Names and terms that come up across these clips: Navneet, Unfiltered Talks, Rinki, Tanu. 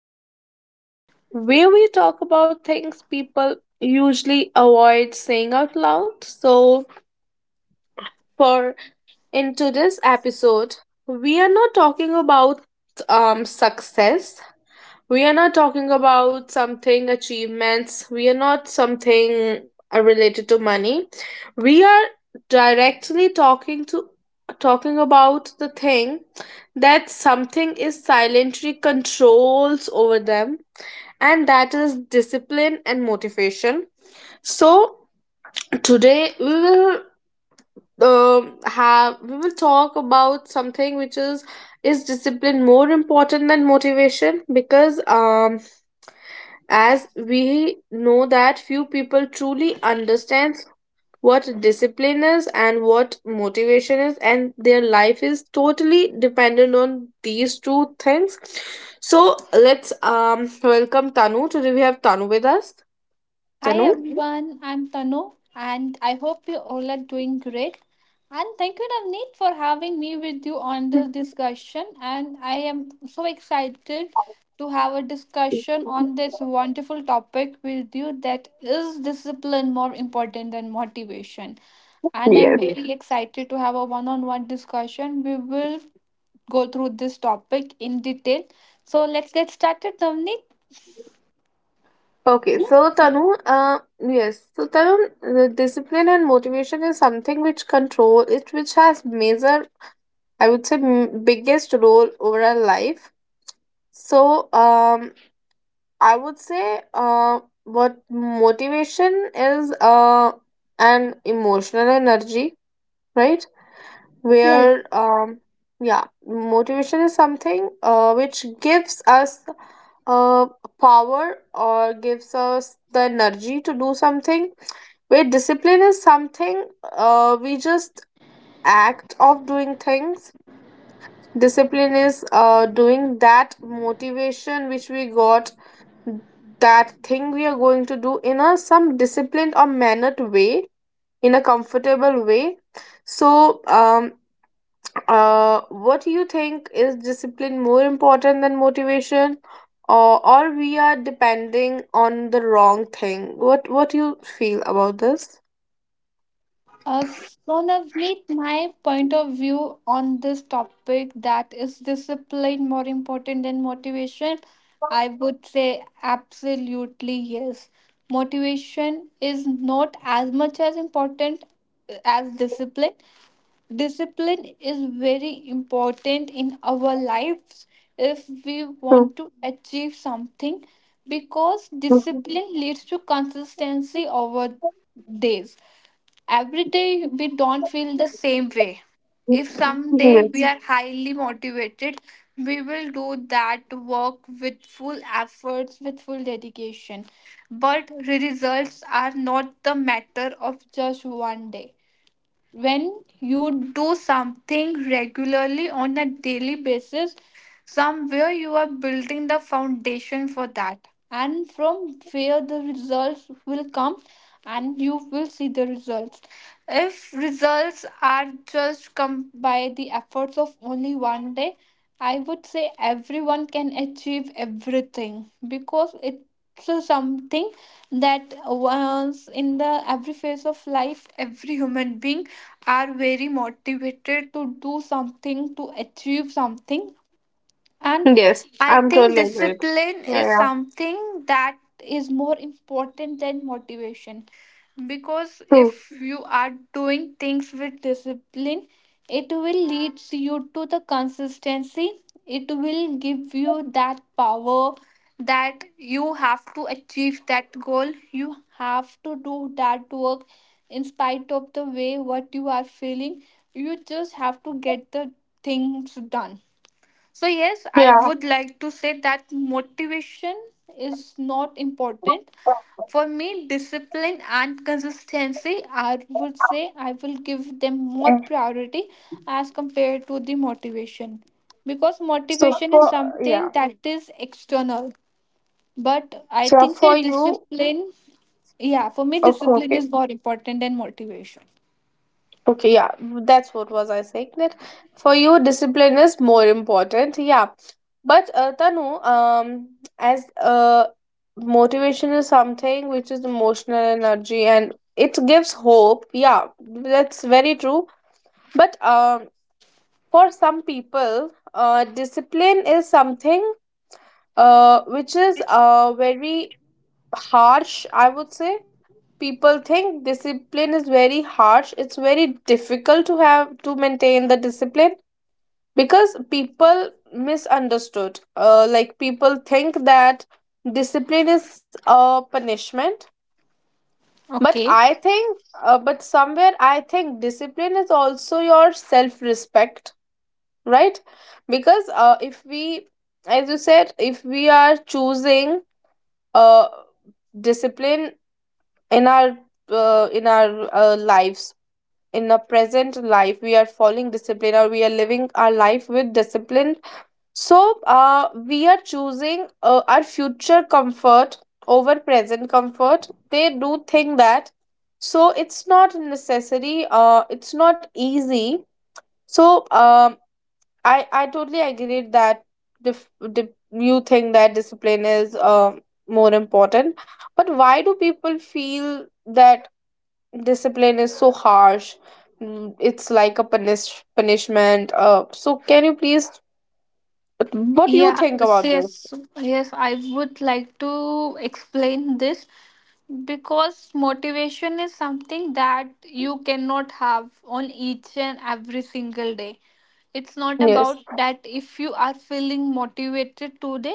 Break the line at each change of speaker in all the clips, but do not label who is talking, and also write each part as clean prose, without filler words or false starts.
Unfiltered Talks, where we talk about things people usually avoid saying out loud. So, for in today's episode, we are not talking about success. We are not talking about something achievements. We are not something related to money. We are directly talking about the thing that something is silently controls over them, and that is discipline and motivation. So today we will, have we will talk about something, which is discipline more important than motivation? Because as we know that few people truly understands what discipline is and what motivation is, and their life is totally dependent on these two things. So let's, welcome Tanu. Today we have Tanu with us.
Hi
Tanu.
everyone, I'm Tanu and I hope you all are doing great. And thank you Navneet for having me with you on this discussion, and I am so excited to have a discussion on this wonderful topic with you, that is discipline more important than motivation. And I'm
Yes.
very excited to have a one-on-one discussion. We will go through this topic in detail. So let's get started Navneet.
Okay. So, Tanu, yes. So, Tanu, the discipline and motivation is something which control it, which has major, I would say, biggest role over our life. So, I would say, what motivation is, an emotional energy, right? Where, yeah, motivation is something, which gives us, uh, power, or gives us the energy to do something. Where discipline is something, we just act of doing things. Discipline is, doing that motivation which we got, that thing we are going to do in a some disciplined or mannered way, in a comfortable way. So, um uh what do you think? Is discipline more important than motivation, or or we are depending on the wrong thing? What do you feel about this?
Uh, so, Navneet, my point of view on this topic, that is discipline more important than motivation? I would say absolutely yes. Motivation is not as much as important as discipline. Discipline is very important in our lives if we
True.
want to achieve something, because
Mhm.
discipline leads to consistency over days. Every day we don't feel the same way. If someday we
Yes,
are highly motivated, we will do that work with full efforts, with full dedication. But results are not the matter of just one day. When you do something regularly on a daily basis, somewhere you are building the foundation for that, and from where the results will come, and you will see the results. If results are just come by the efforts of only one day, I would say everyone can achieve everything, because it's a something that once in the every phase of life, every human being are very motivated to do something, to achieve something, and
yes,
I
I'm
think
totally agreed.
discipline
Yeah,
is
yeah.
something that is more important than motivation. Because if
True.
you are doing things with discipline, it will lead you to the consistency. It will give you that power, that you have to achieve that goal. You have to do that work in spite of the way what you are feeling. You just have to get the things done. So, yes, I
Yeah.
would like to say that motivation is not important.
Okay.
For me, discipline and consistency, I would say I will give them more priority as compared to the motivation. Because
so
motivation is
for
something
Yeah.
that is external. But I
So
think say
for you.
discipline, yeah, for me,
Okay,
discipline
okay.
is more important than motivation.
Okay, yeah, that's what was I saying, that for you discipline is more important. Yeah, but Tanu, as motivation is something which is emotional energy and it gives hope. Yeah, that's very true. But for some people, discipline is something which is very harsh, I would say. People think discipline is very harsh. It's very difficult to have to maintain the discipline because people misunderstood. Like people think that discipline is a punishment, but
Okay.
I think, but somewhere I think discipline is also your self respect, right? Because if we, as you said, if we are choosing uh discipline in our lives. In a present life we are following discipline, or we are living our life with discipline. So we are choosing our future comfort over present comfort. They do think that. So it's not necessary, it's not easy. So, um, I totally agree that, you think that discipline is more important. But why do people feel that discipline is so harsh? It's like a punishment. So can you please what do you
Yeah,
think
yes,
about this?
yes, yes, I would like to explain this, because motivation is something that you cannot have on each and every single day. It's not
Yes,
about that if you are feeling motivated today,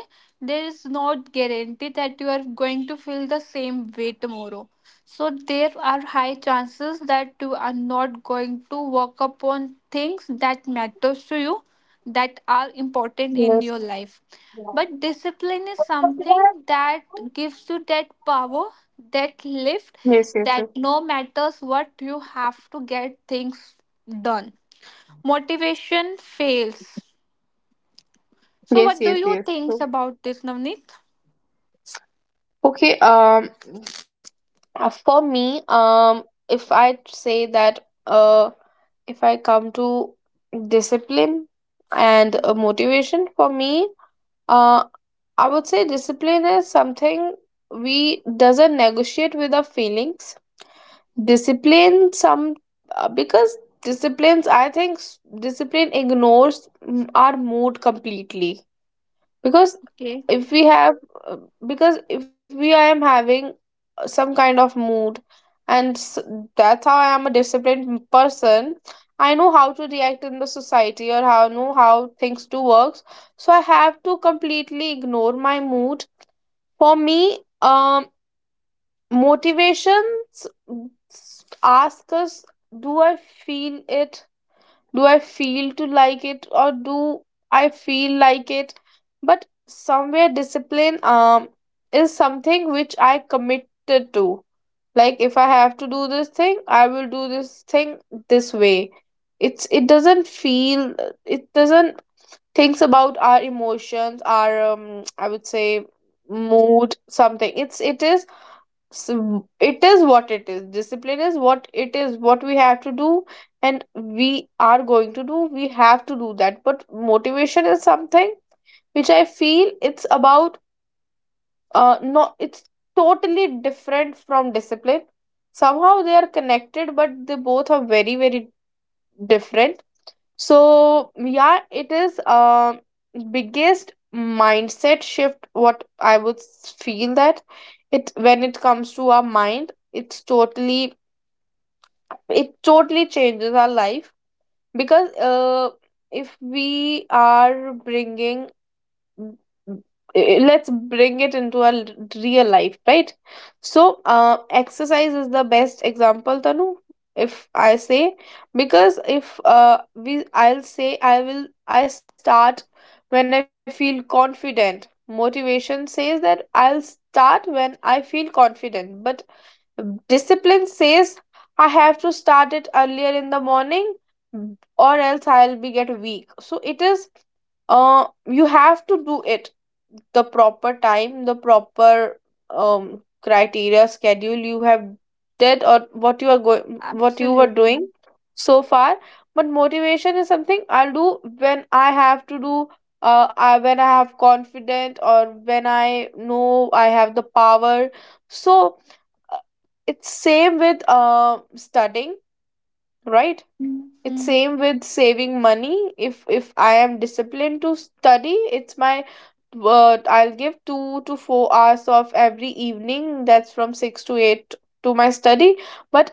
there is not guarantee that you are going to feel the same way tomorrow. So there are high chances that you are not going to work upon things that matters to you, that are important in
yes,
your life.
yes,
But discipline is something that gives you that power, that lift,
yes, yes,
that no matters what, you have to get things done. Motivation fails. So,
yes,
what do
yes,
you
yes.
think about this, Navneet?
Okay. For me, if I say that, if I come to discipline and motivation, for me. Uh, I would say discipline is something we doesn't negotiate with our feelings. Discipline some Because disciplines, I think, discipline ignores, our mood completely. Because,
Okay,
if we have uh, because if we I am having, some kind of mood, and that's how I am a disciplined person. I know how to react in the society, or how know how things do works. So I have to completely ignore my mood. For me, um motivations ask us, do i feel it do i feel to like it, or do I feel like it? But somewhere discipline, is something which I committed to. Like, if I have to do this thing, I will do this thing this way. It doesn't feel, it doesn't thinks about our emotions, our, I would say, mood, something. It is. So it is what it is, discipline is what it is, what we have to do and we are going to do, we have to do that. But motivation is something which I feel it's about, no, it's totally different from discipline. Somehow they are connected, but they both are very, very different. So yeah, it is, biggest mindset shift, what I would feel. That, it when it comes to our mind, it's totally, it totally changes our life. Because, if we are bringing Mm, mm, eh, let's bring it into a real life, right? So, exercise is the best example, Tanu, if I say. Because if we I'll say I will I start when I feel confident. Motivation says that I'll start when I feel confident, but discipline says, I have to start it earlier in the morning, or else I'll be get weak. So it is, you have to do it the proper time, the proper, criteria, schedule, you have did, or what you were doing
absolutely.
so far. But motivation is something I'll do when I have to do, when I have confidence, or when I know I have the power. So, uh, it's same with, studying, right? It's
Mhm.
same with saving money. If I am disciplined to study, it's my, I'll give 2 to 4 hours of every evening, that's from 6 to 8, to my study. But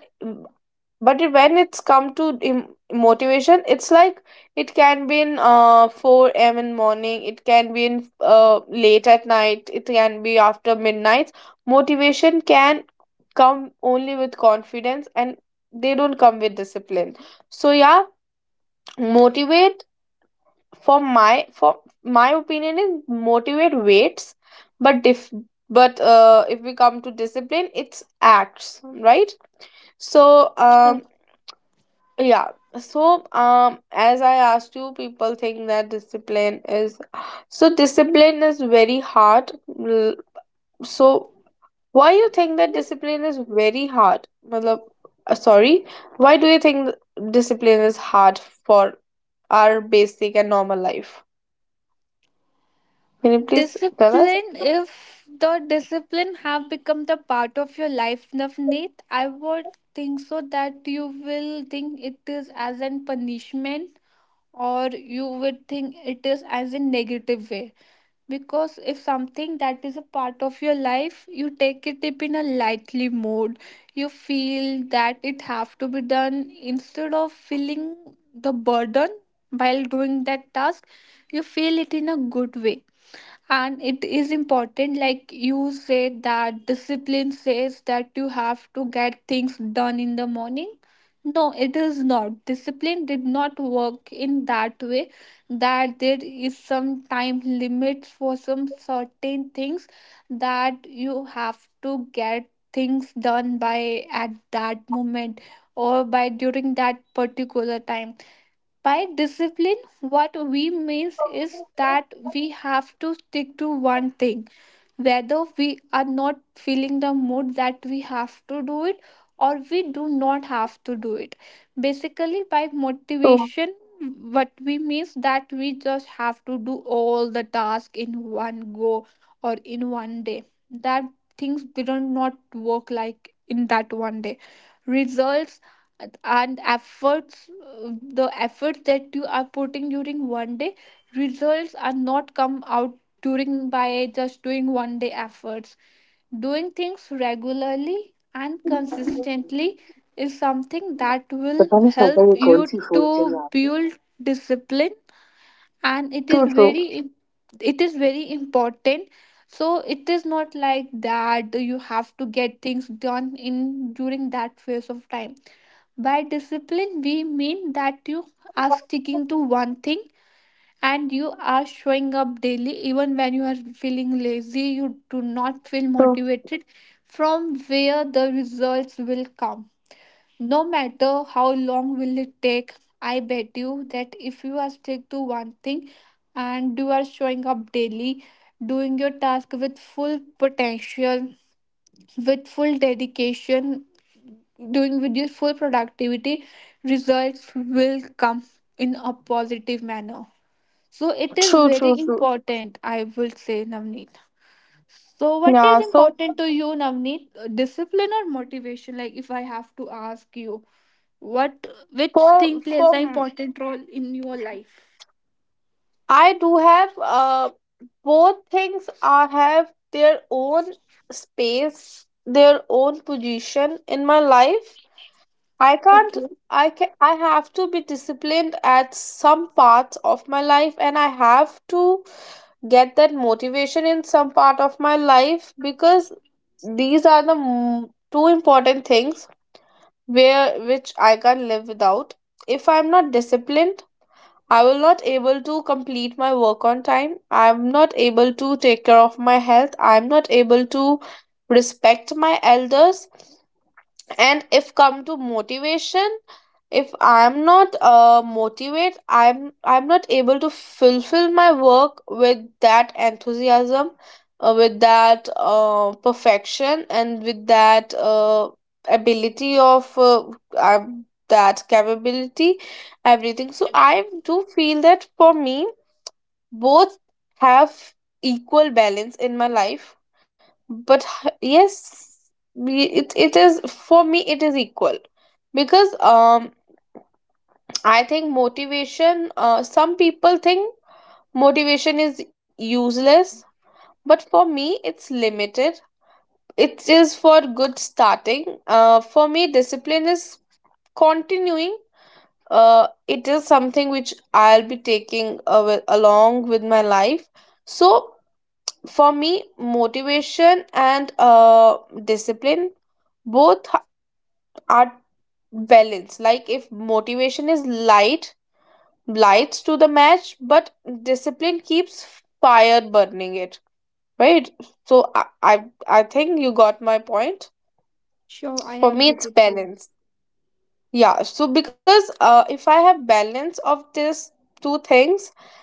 when it's come to motivation, it's like, it can be in, 4 a.m. in morning, it can be in, late at night, it can be after midnight. Motivation can come only with confidence, and they don't come with discipline. So yeah, motivate, for my opinion is, motivate waits. but if but, if we come to discipline, it's acts, right? So,
Sure.
yeah, so, as I asked you, people think that, discipline is so discipline is very hard. L- so why you think that discipline is very hard? Matlab, sorry, why do you think discipline is hard for our basic and normal life? Can you please tell us?
Discipline,
True,
if the discipline have become the part of your life, Navneet, I would think so that you will think it is as an punishment, or you would think it is as a negative way. Because if something that is a part of your life, you take it up in a lightly mode, you feel that it have to be done instead of feeling the burden while doing that task. You feel it in a good way, and it is important. Like you said that discipline says that you have to get things done in the morning, no, it is not, discipline did not work in that way, that there is some time limits for some certain things, that you have to get things done by at that moment or by during that particular time. By discipline, what we means is that we have to stick to one thing whether we are not feeling the mood that we have to do it or we do not have to do it. Basically by motivation, what we means that we just have to do all the task in one go or in one day. That things didn't not work like in that one day. Results and efforts, the efforts that you are putting during one day, results are not come out touring by just doing one day efforts. Doing things regularly and consistently is something that will help
true, true,
you
true,
to build discipline, and it is
true,
very it is very important. So it is not like that you have to get things done in during that phase of time. By discipline we mean that you are sticking to one thing, and you are showing up daily, even when you are feeling lazy, you do not feel motivated. From where the results will come, no matter how long will it take, I bet you that if you are stick to one thing, and you are showing up daily, doing your task with full potential, with full dedication, doing with your full productivity, results will come in a positive manner. So it is
true,
very
true.
important, I would say, Navneet. So what is
Yeah. So,
important to you, Navneet? Discipline or motivation? Like if I have to ask you, what which
for
thing
for
plays an
m-
important role in your life?
I do have, both things are have their own space, their own position in my life. I can't.
Okay.
I can. I have to be disciplined at some parts of my life, and I have to get that motivation in some part of my life, because these are the two important things, where which I can't live without. If I'm not disciplined, I will not able to complete my work on time. I'm not able to take care of my health. I'm not able to respect my elders. And if come to motivation, if I'm not, motivate, I'm not able to fulfill my work with that enthusiasm, with that, perfection, and with that, ability of, uh, that capability, everything. So I do feel that for me both have equal balance in my life. But, yes, it is for me, it is equal. Because, I think motivation, some people think motivation is useless, but for me it's limited. It is for good starting. For me, discipline is continuing. It is something which I'll be taking, along with my life. So for me, motivation and, discipline, both are balanced. Like, if motivation is light, lights to the match, but discipline keeps fire burning it. Right? So I think you got my point.
Sure, I
For
have
me, it's
get it you.
balance. Yeah. So, because, if I have balance of these two things,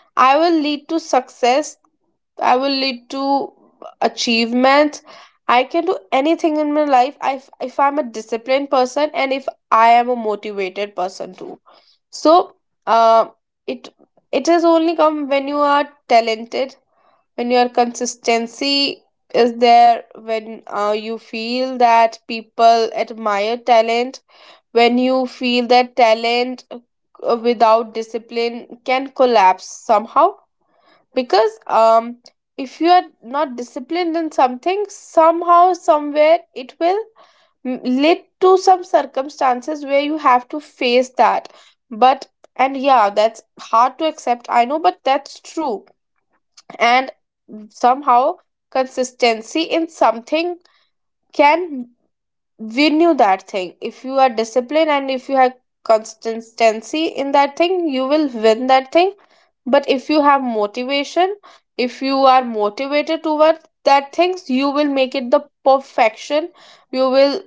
I will lead to success, I will lead to achievements. I can do anything in my life if, I'm a disciplined person and if I am a motivated person too. So, uh, it it has only come when you are talented, when your consistency is there, when, you feel that people admire talent, when you feel that talent, without discipline, can collapse somehow. Because, if you are not disciplined in something, somehow somewhere it will, lead to some circumstances where you have to face that. But, and yeah, that's hard to accept, I know, but that's true. And somehow, consistency in something can, we knew that thing. If you are disciplined and if you have consistency in that thing, you will win that thing. But if you have motivation, if you are motivated towards that things, you will make it the perfection. You will,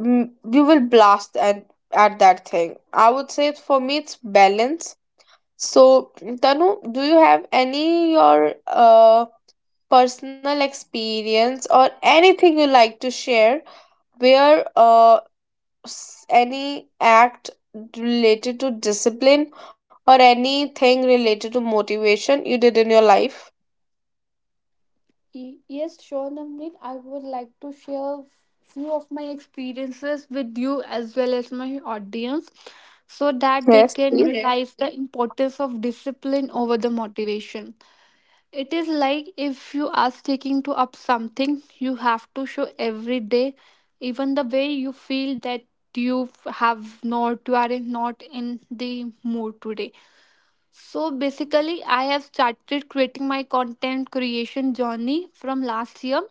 you will blast at that thing. I would say, for me, it's balance. So, Tanu, do you have any your, personal experience or anything you like to share, where, any act related to discipline or anything related to motivation, you did in your life?
Yes, sure, Navneet. I would like to share few of my experiences with you as well as my audience so that they
Yes,
can, okay,
please.
realize the importance of discipline over the motivation. It is like if you are sticking to up something, you have to show every day, even the way you feel that you have not, you are not in the mood today. So basically, I have started creating my content creation journey from last year.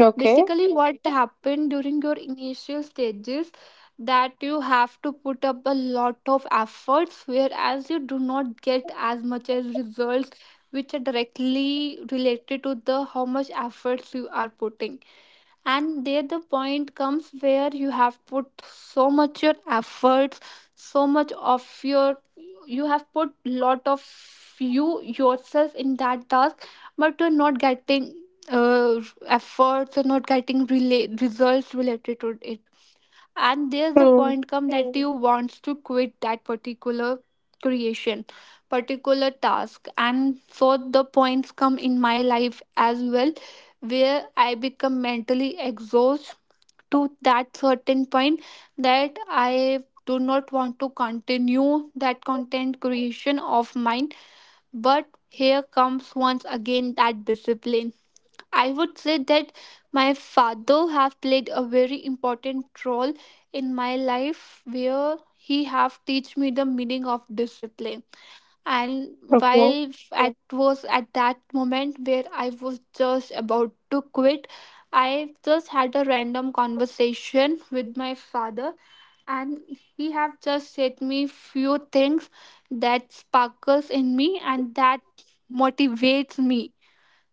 Okay.
Basically what happened during your initial stages, that you have to put up a lot of efforts, whereas you do not get as much as results which are directly related to the how much efforts you are putting. And there the point comes where you have put so much your efforts, so much of your, you have put lot of you yourself in that task, but you're not getting uh, efforts, you're not getting results related to it. And there's a
True.
point come that you wants to quit that particular creation, particular task. And so the points come in my life as well, where I become mentally exhausted to that certain point, that I do not want to continue that content creation of mine. But here comes once again that discipline. I would say that my father have played a very important role in my life, where he have teach me the meaning of discipline. And
Okay.
while I was at that moment where I was just about to quit, I just had a random conversation with my father, and he have just said me few things that sparkles in me and that motivates me.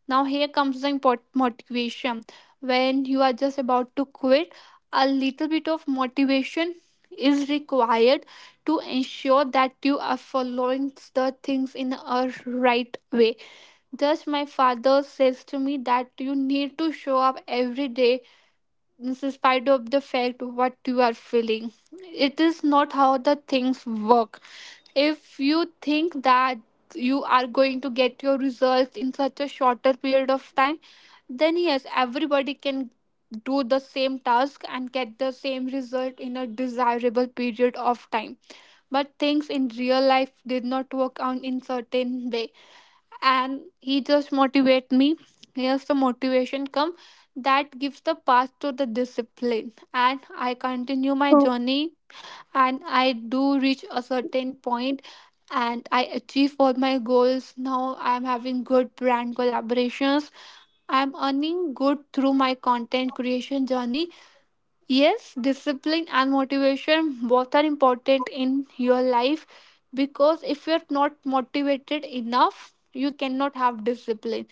Now, here comes the important motivation. When you are just about to quit, a little bit of motivation is required to ensure that you are following the things in a right way. Just my father says to me that you need to show up every day in spite of the fact what you are feeling. It is not how the things work. If you think that you are going to get your results in such a shorter period of time, then yes, everybody can do the same task and get the same result in a desirable period of time. But things in real life did not work out in certain way. And he just motivate me. Here's the motivation come that gives the path to the discipline. And I continue my
True. True.
journey, and I do reach a certain point, and I achieve all my goals. Now I'm having good brand collaborations, I'm earning good through my content creation journey. Yes, discipline and motivation both are important in your life, because if you're not motivated enough, you cannot have discipline.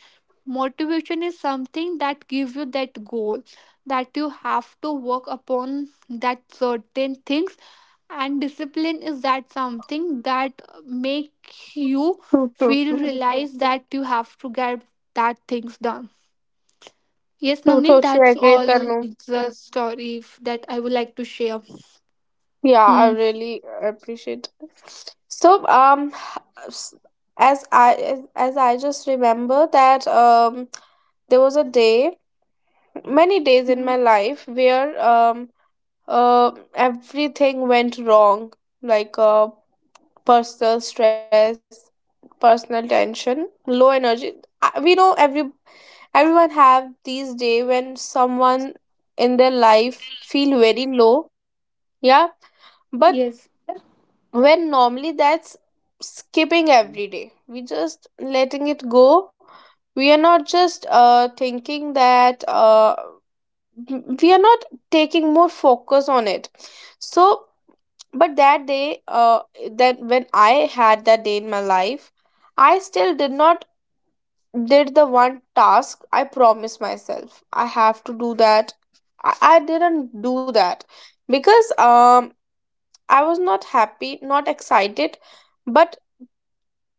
Motivation is something that gives you that goal, that you have to work upon that certain things, and discipline is that something that make you
True. True.
feel,
True.
realize that you have to get that things done. Yes, Navneet,
Totally
that's
agree,
all
Tanu.
the story that I would like to share.
Yeah, I
Hmm.
really appreciate. It. So, um, s- as I as, as I just remember that there was a day, many days in my life where everything went wrong, like personal stress, personal tension, low energy. We know everyone have these day when someone in their life feel very low, yeah. But
Yes,
when normally that's skipping every day, we just letting it go. We are not just thinking that we are not taking more focus on it. So. But that day, that when I had that day in my life, I still did not did the one task I promised myself. I have to do that. I didn't do that because I was not happy, not excited, but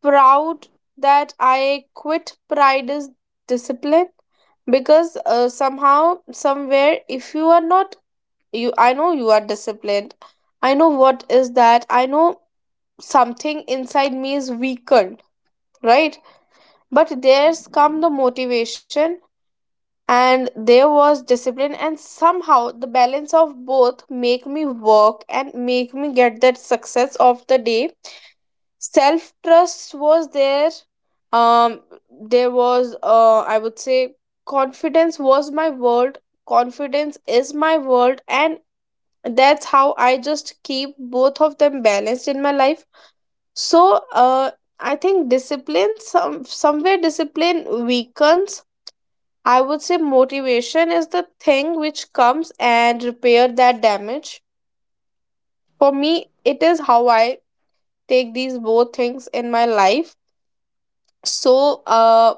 proud that I quit. Pride is discipline. Because somehow somewhere if you are not, you, I know you are disciplined. I know what is that. I know something inside me is weakened, right? But there's come the motivation, and there was discipline, and somehow the balance of both make me work and make me get that success of the day. Self trust was there. um there was, I would say, confidence was my world. Confidence is my world, and that's how I just keep both of them balanced in my life. So, I think discipline, somewhere discipline weakens. I would say motivation is the thing which comes and repair that damage. For me it is how I take these both things in my life. So,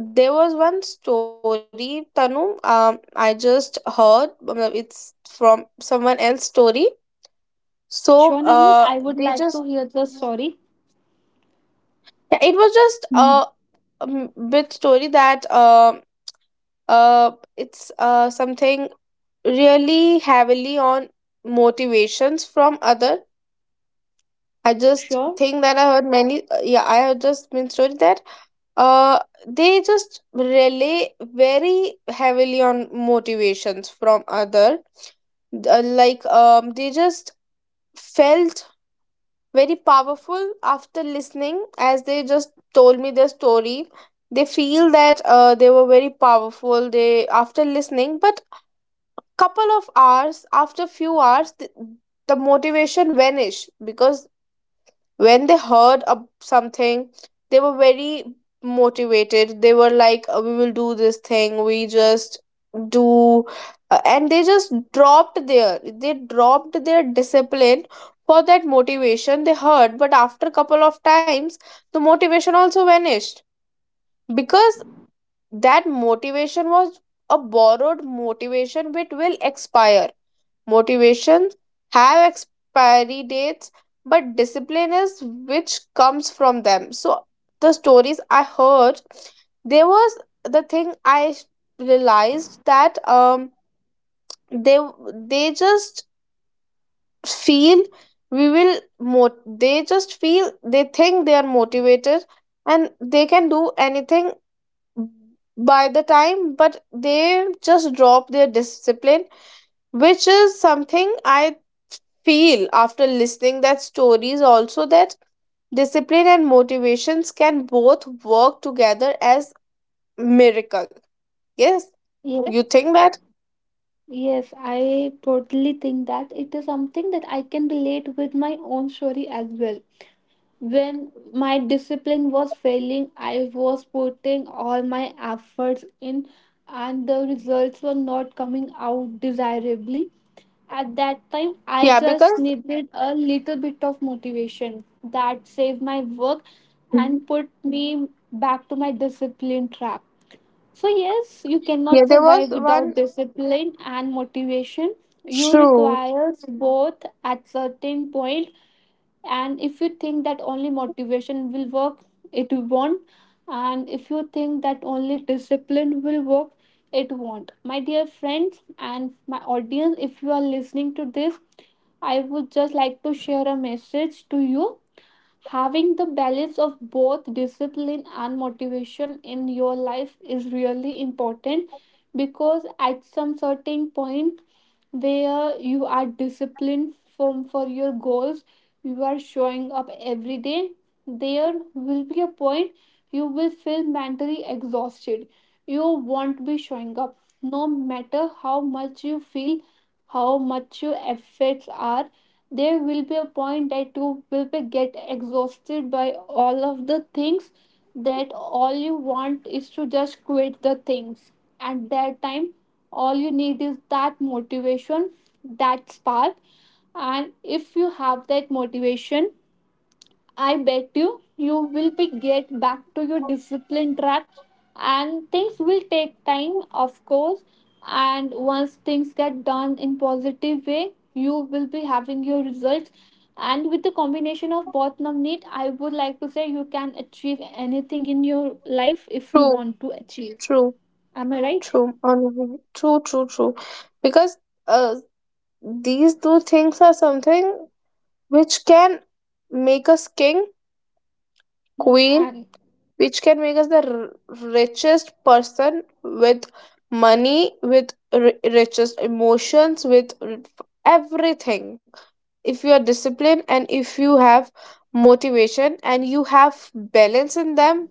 there was one story, Tanu. I just heard मतलब it's from someone else's story. So
Sean, I would
they
like to
just.
hear the
Yeah,
story.
it was just a bit story that, it's, something really heavily on motivations from other. I just
Sure.
think that I heard many, yeah, I have just been story that uh they just rely very heavily on motivations from other. Like they just felt very powerful after listening, as they just told me their story. They feel that, they were very powerful, they, after listening, but couple of hours, after few hours, the motivation vanished. Because when they heard of something, they were very motivated. They were like, "Oh, we will do this thing, we just do." And they just dropped their, they dropped their discipline for that motivation they heard. But after a couple of times, the motivation also vanished, because that motivation was a borrowed motivation which will expire. Motivation have expiry dates, but discipline is which comes from them. So the stories I heard, there was the thing I realized that, they they just feel, they just feel, they think they are motivated and they can do anything by the time, but they just drop their discipline, which is something I feel after listening that stories also, that discipline and motivations can both work together as miracle. Yes,
Yes.
you think that.
Yes, I totally think that it is something that I can relate with my own story as well. When my discipline was failing, I was putting all my efforts in, and the results were not coming out desirably. At that time, I
Yeah, because.
just needed a little bit of motivation that saved my work
Mhm.
and put me back to my discipline track. So, yes, you cannot
Yeah, there
survive
was
without
one.
discipline and motivation. You
True.
requires both at certain point, and if you think that only motivation will work, it won't. And if you think that only discipline will work, it won't, my dear friends and my audience. If you are listening to this, I would just like to share a message to you. Having the balance of both discipline and motivation in your life is really important, because at some certain point where you are disciplined from for your goals, you are showing up every day, there will be a point you will feel mentally exhausted. You won't be showing up. No matter how much you feel, how much your efforts are, there will be a point that you will be get exhausted by all of the things, that all you want is to just quit the things. At that time, all you need is that motivation, that spark. And if you have that motivation, I bet you you will be get back to your discipline track, and things will take time of course. And once things get done in positive way, you will be having your results. And with the combination of both, Navneet, I would like to say you can achieve anything in your life if you
True,
want to achieve.
true.
Am I right?
True. on- True, true, true. Because uh, these two things are something which can make us king,
Mm,
queen,
and
which can make us the richest person, with money, with ri richest emotions, with everything. If you are disciplined and if you have motivation and you have balance in them,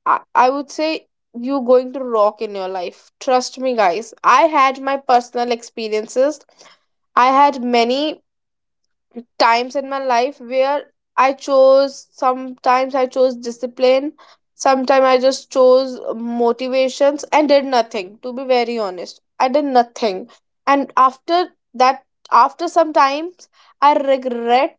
I would say you going to rock in your life, trust me guys. I had my personal experiences. I had many times in my life where I chose, sometimes I chose discipline, sometimes I just chose motivations and did nothing. To be very honest, I did nothing. And after that, after some times, I regret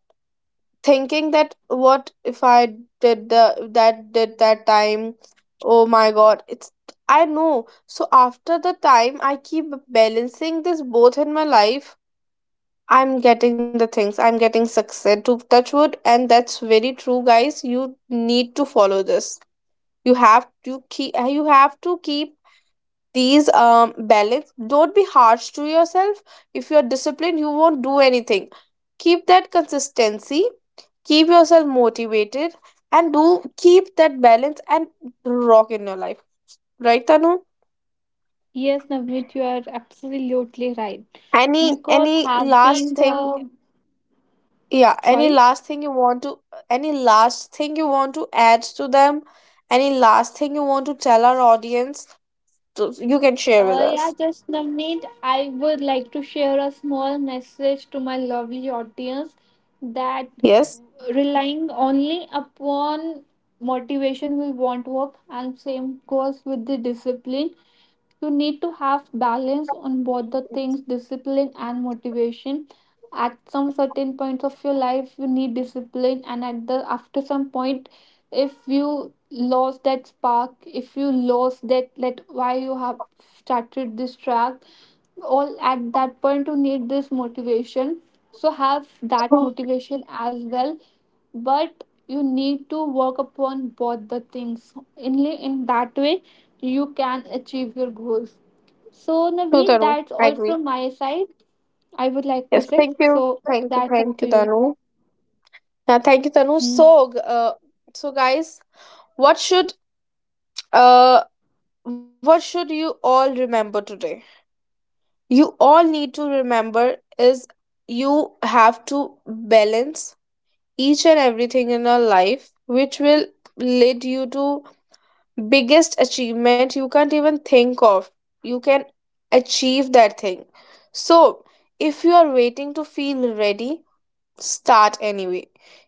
thinking that what if I did the that, did that time. Oh my god, it's, I know. So after the time, I keep balancing this both in my life. I'm getting the things. I'm getting success, to touch wood, and that's very true, guys. You need to follow this. You have to keep. You have to keep these balance. Don't be harsh to yourself. If you're disciplined, you won't do anything. Keep that consistency. Keep yourself motivated, and do keep that balance and rock in your life. Right, Tanu?
yes Navneet, you are absolutely right,
Any
because
any
having
last thing.
the,
Yeah, any
sorry.
last thing you want to, any last thing you want to add to them? Any last thing you want to tell our audience? To, you can share with
Yeah,
us.
just Navneet, I would like to share a small message to my lovely audience that
Yes.
relying only upon motivation will won't work, and same goes with the discipline. You need to have balance on both the things, discipline and motivation. At some certain points of your life, you need discipline, and at the after some point, if you lost that spark, if you lost that, that why you have started this track, all at that point you need this motivation. So have that
True.
motivation as well, but you need to work upon both the things. Only in that way you can achieve your goals. So
True,
Navneet,
Tanu.
that's
I
all
agree.
from my side. I would like to
Yes.
say
Thank you.
so,
Thank you.
that's up
Thank
to
you,
you.
Tanu. Yeah, thank you, Tanu.
Mm.
So, so guys, what should, uh what should you all remember today? You all need to remember is you have to balance each and everything in our life which will lead you to biggest achievement you can't even think of. You can achieve that thing. So if you are waiting to feel ready, start anyway.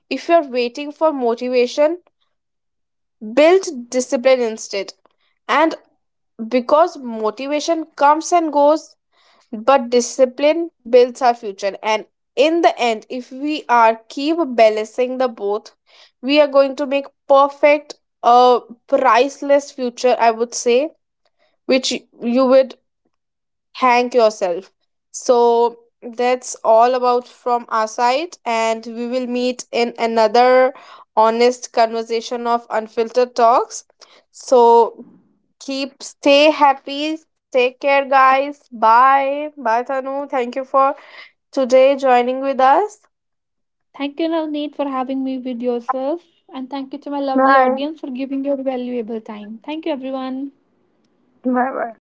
If you are waiting for motivation, build discipline instead. And because motivation comes and goes, but discipline builds our future. And in the end, if we are keep balancing the both, we are going to make perfect a priceless future, I would say, which you would thank yourself. So that's all about from our side, and we will meet in another honest conversation of unfiltered talks. So, keep, stay happy, take care guys. Bye bye, Tanu. Thank you for today joining with us.
Thank you Navneet for having me with yourself, and thank you to my lovely
Bye
audience for giving your valuable time. Thank you everyone.
bye.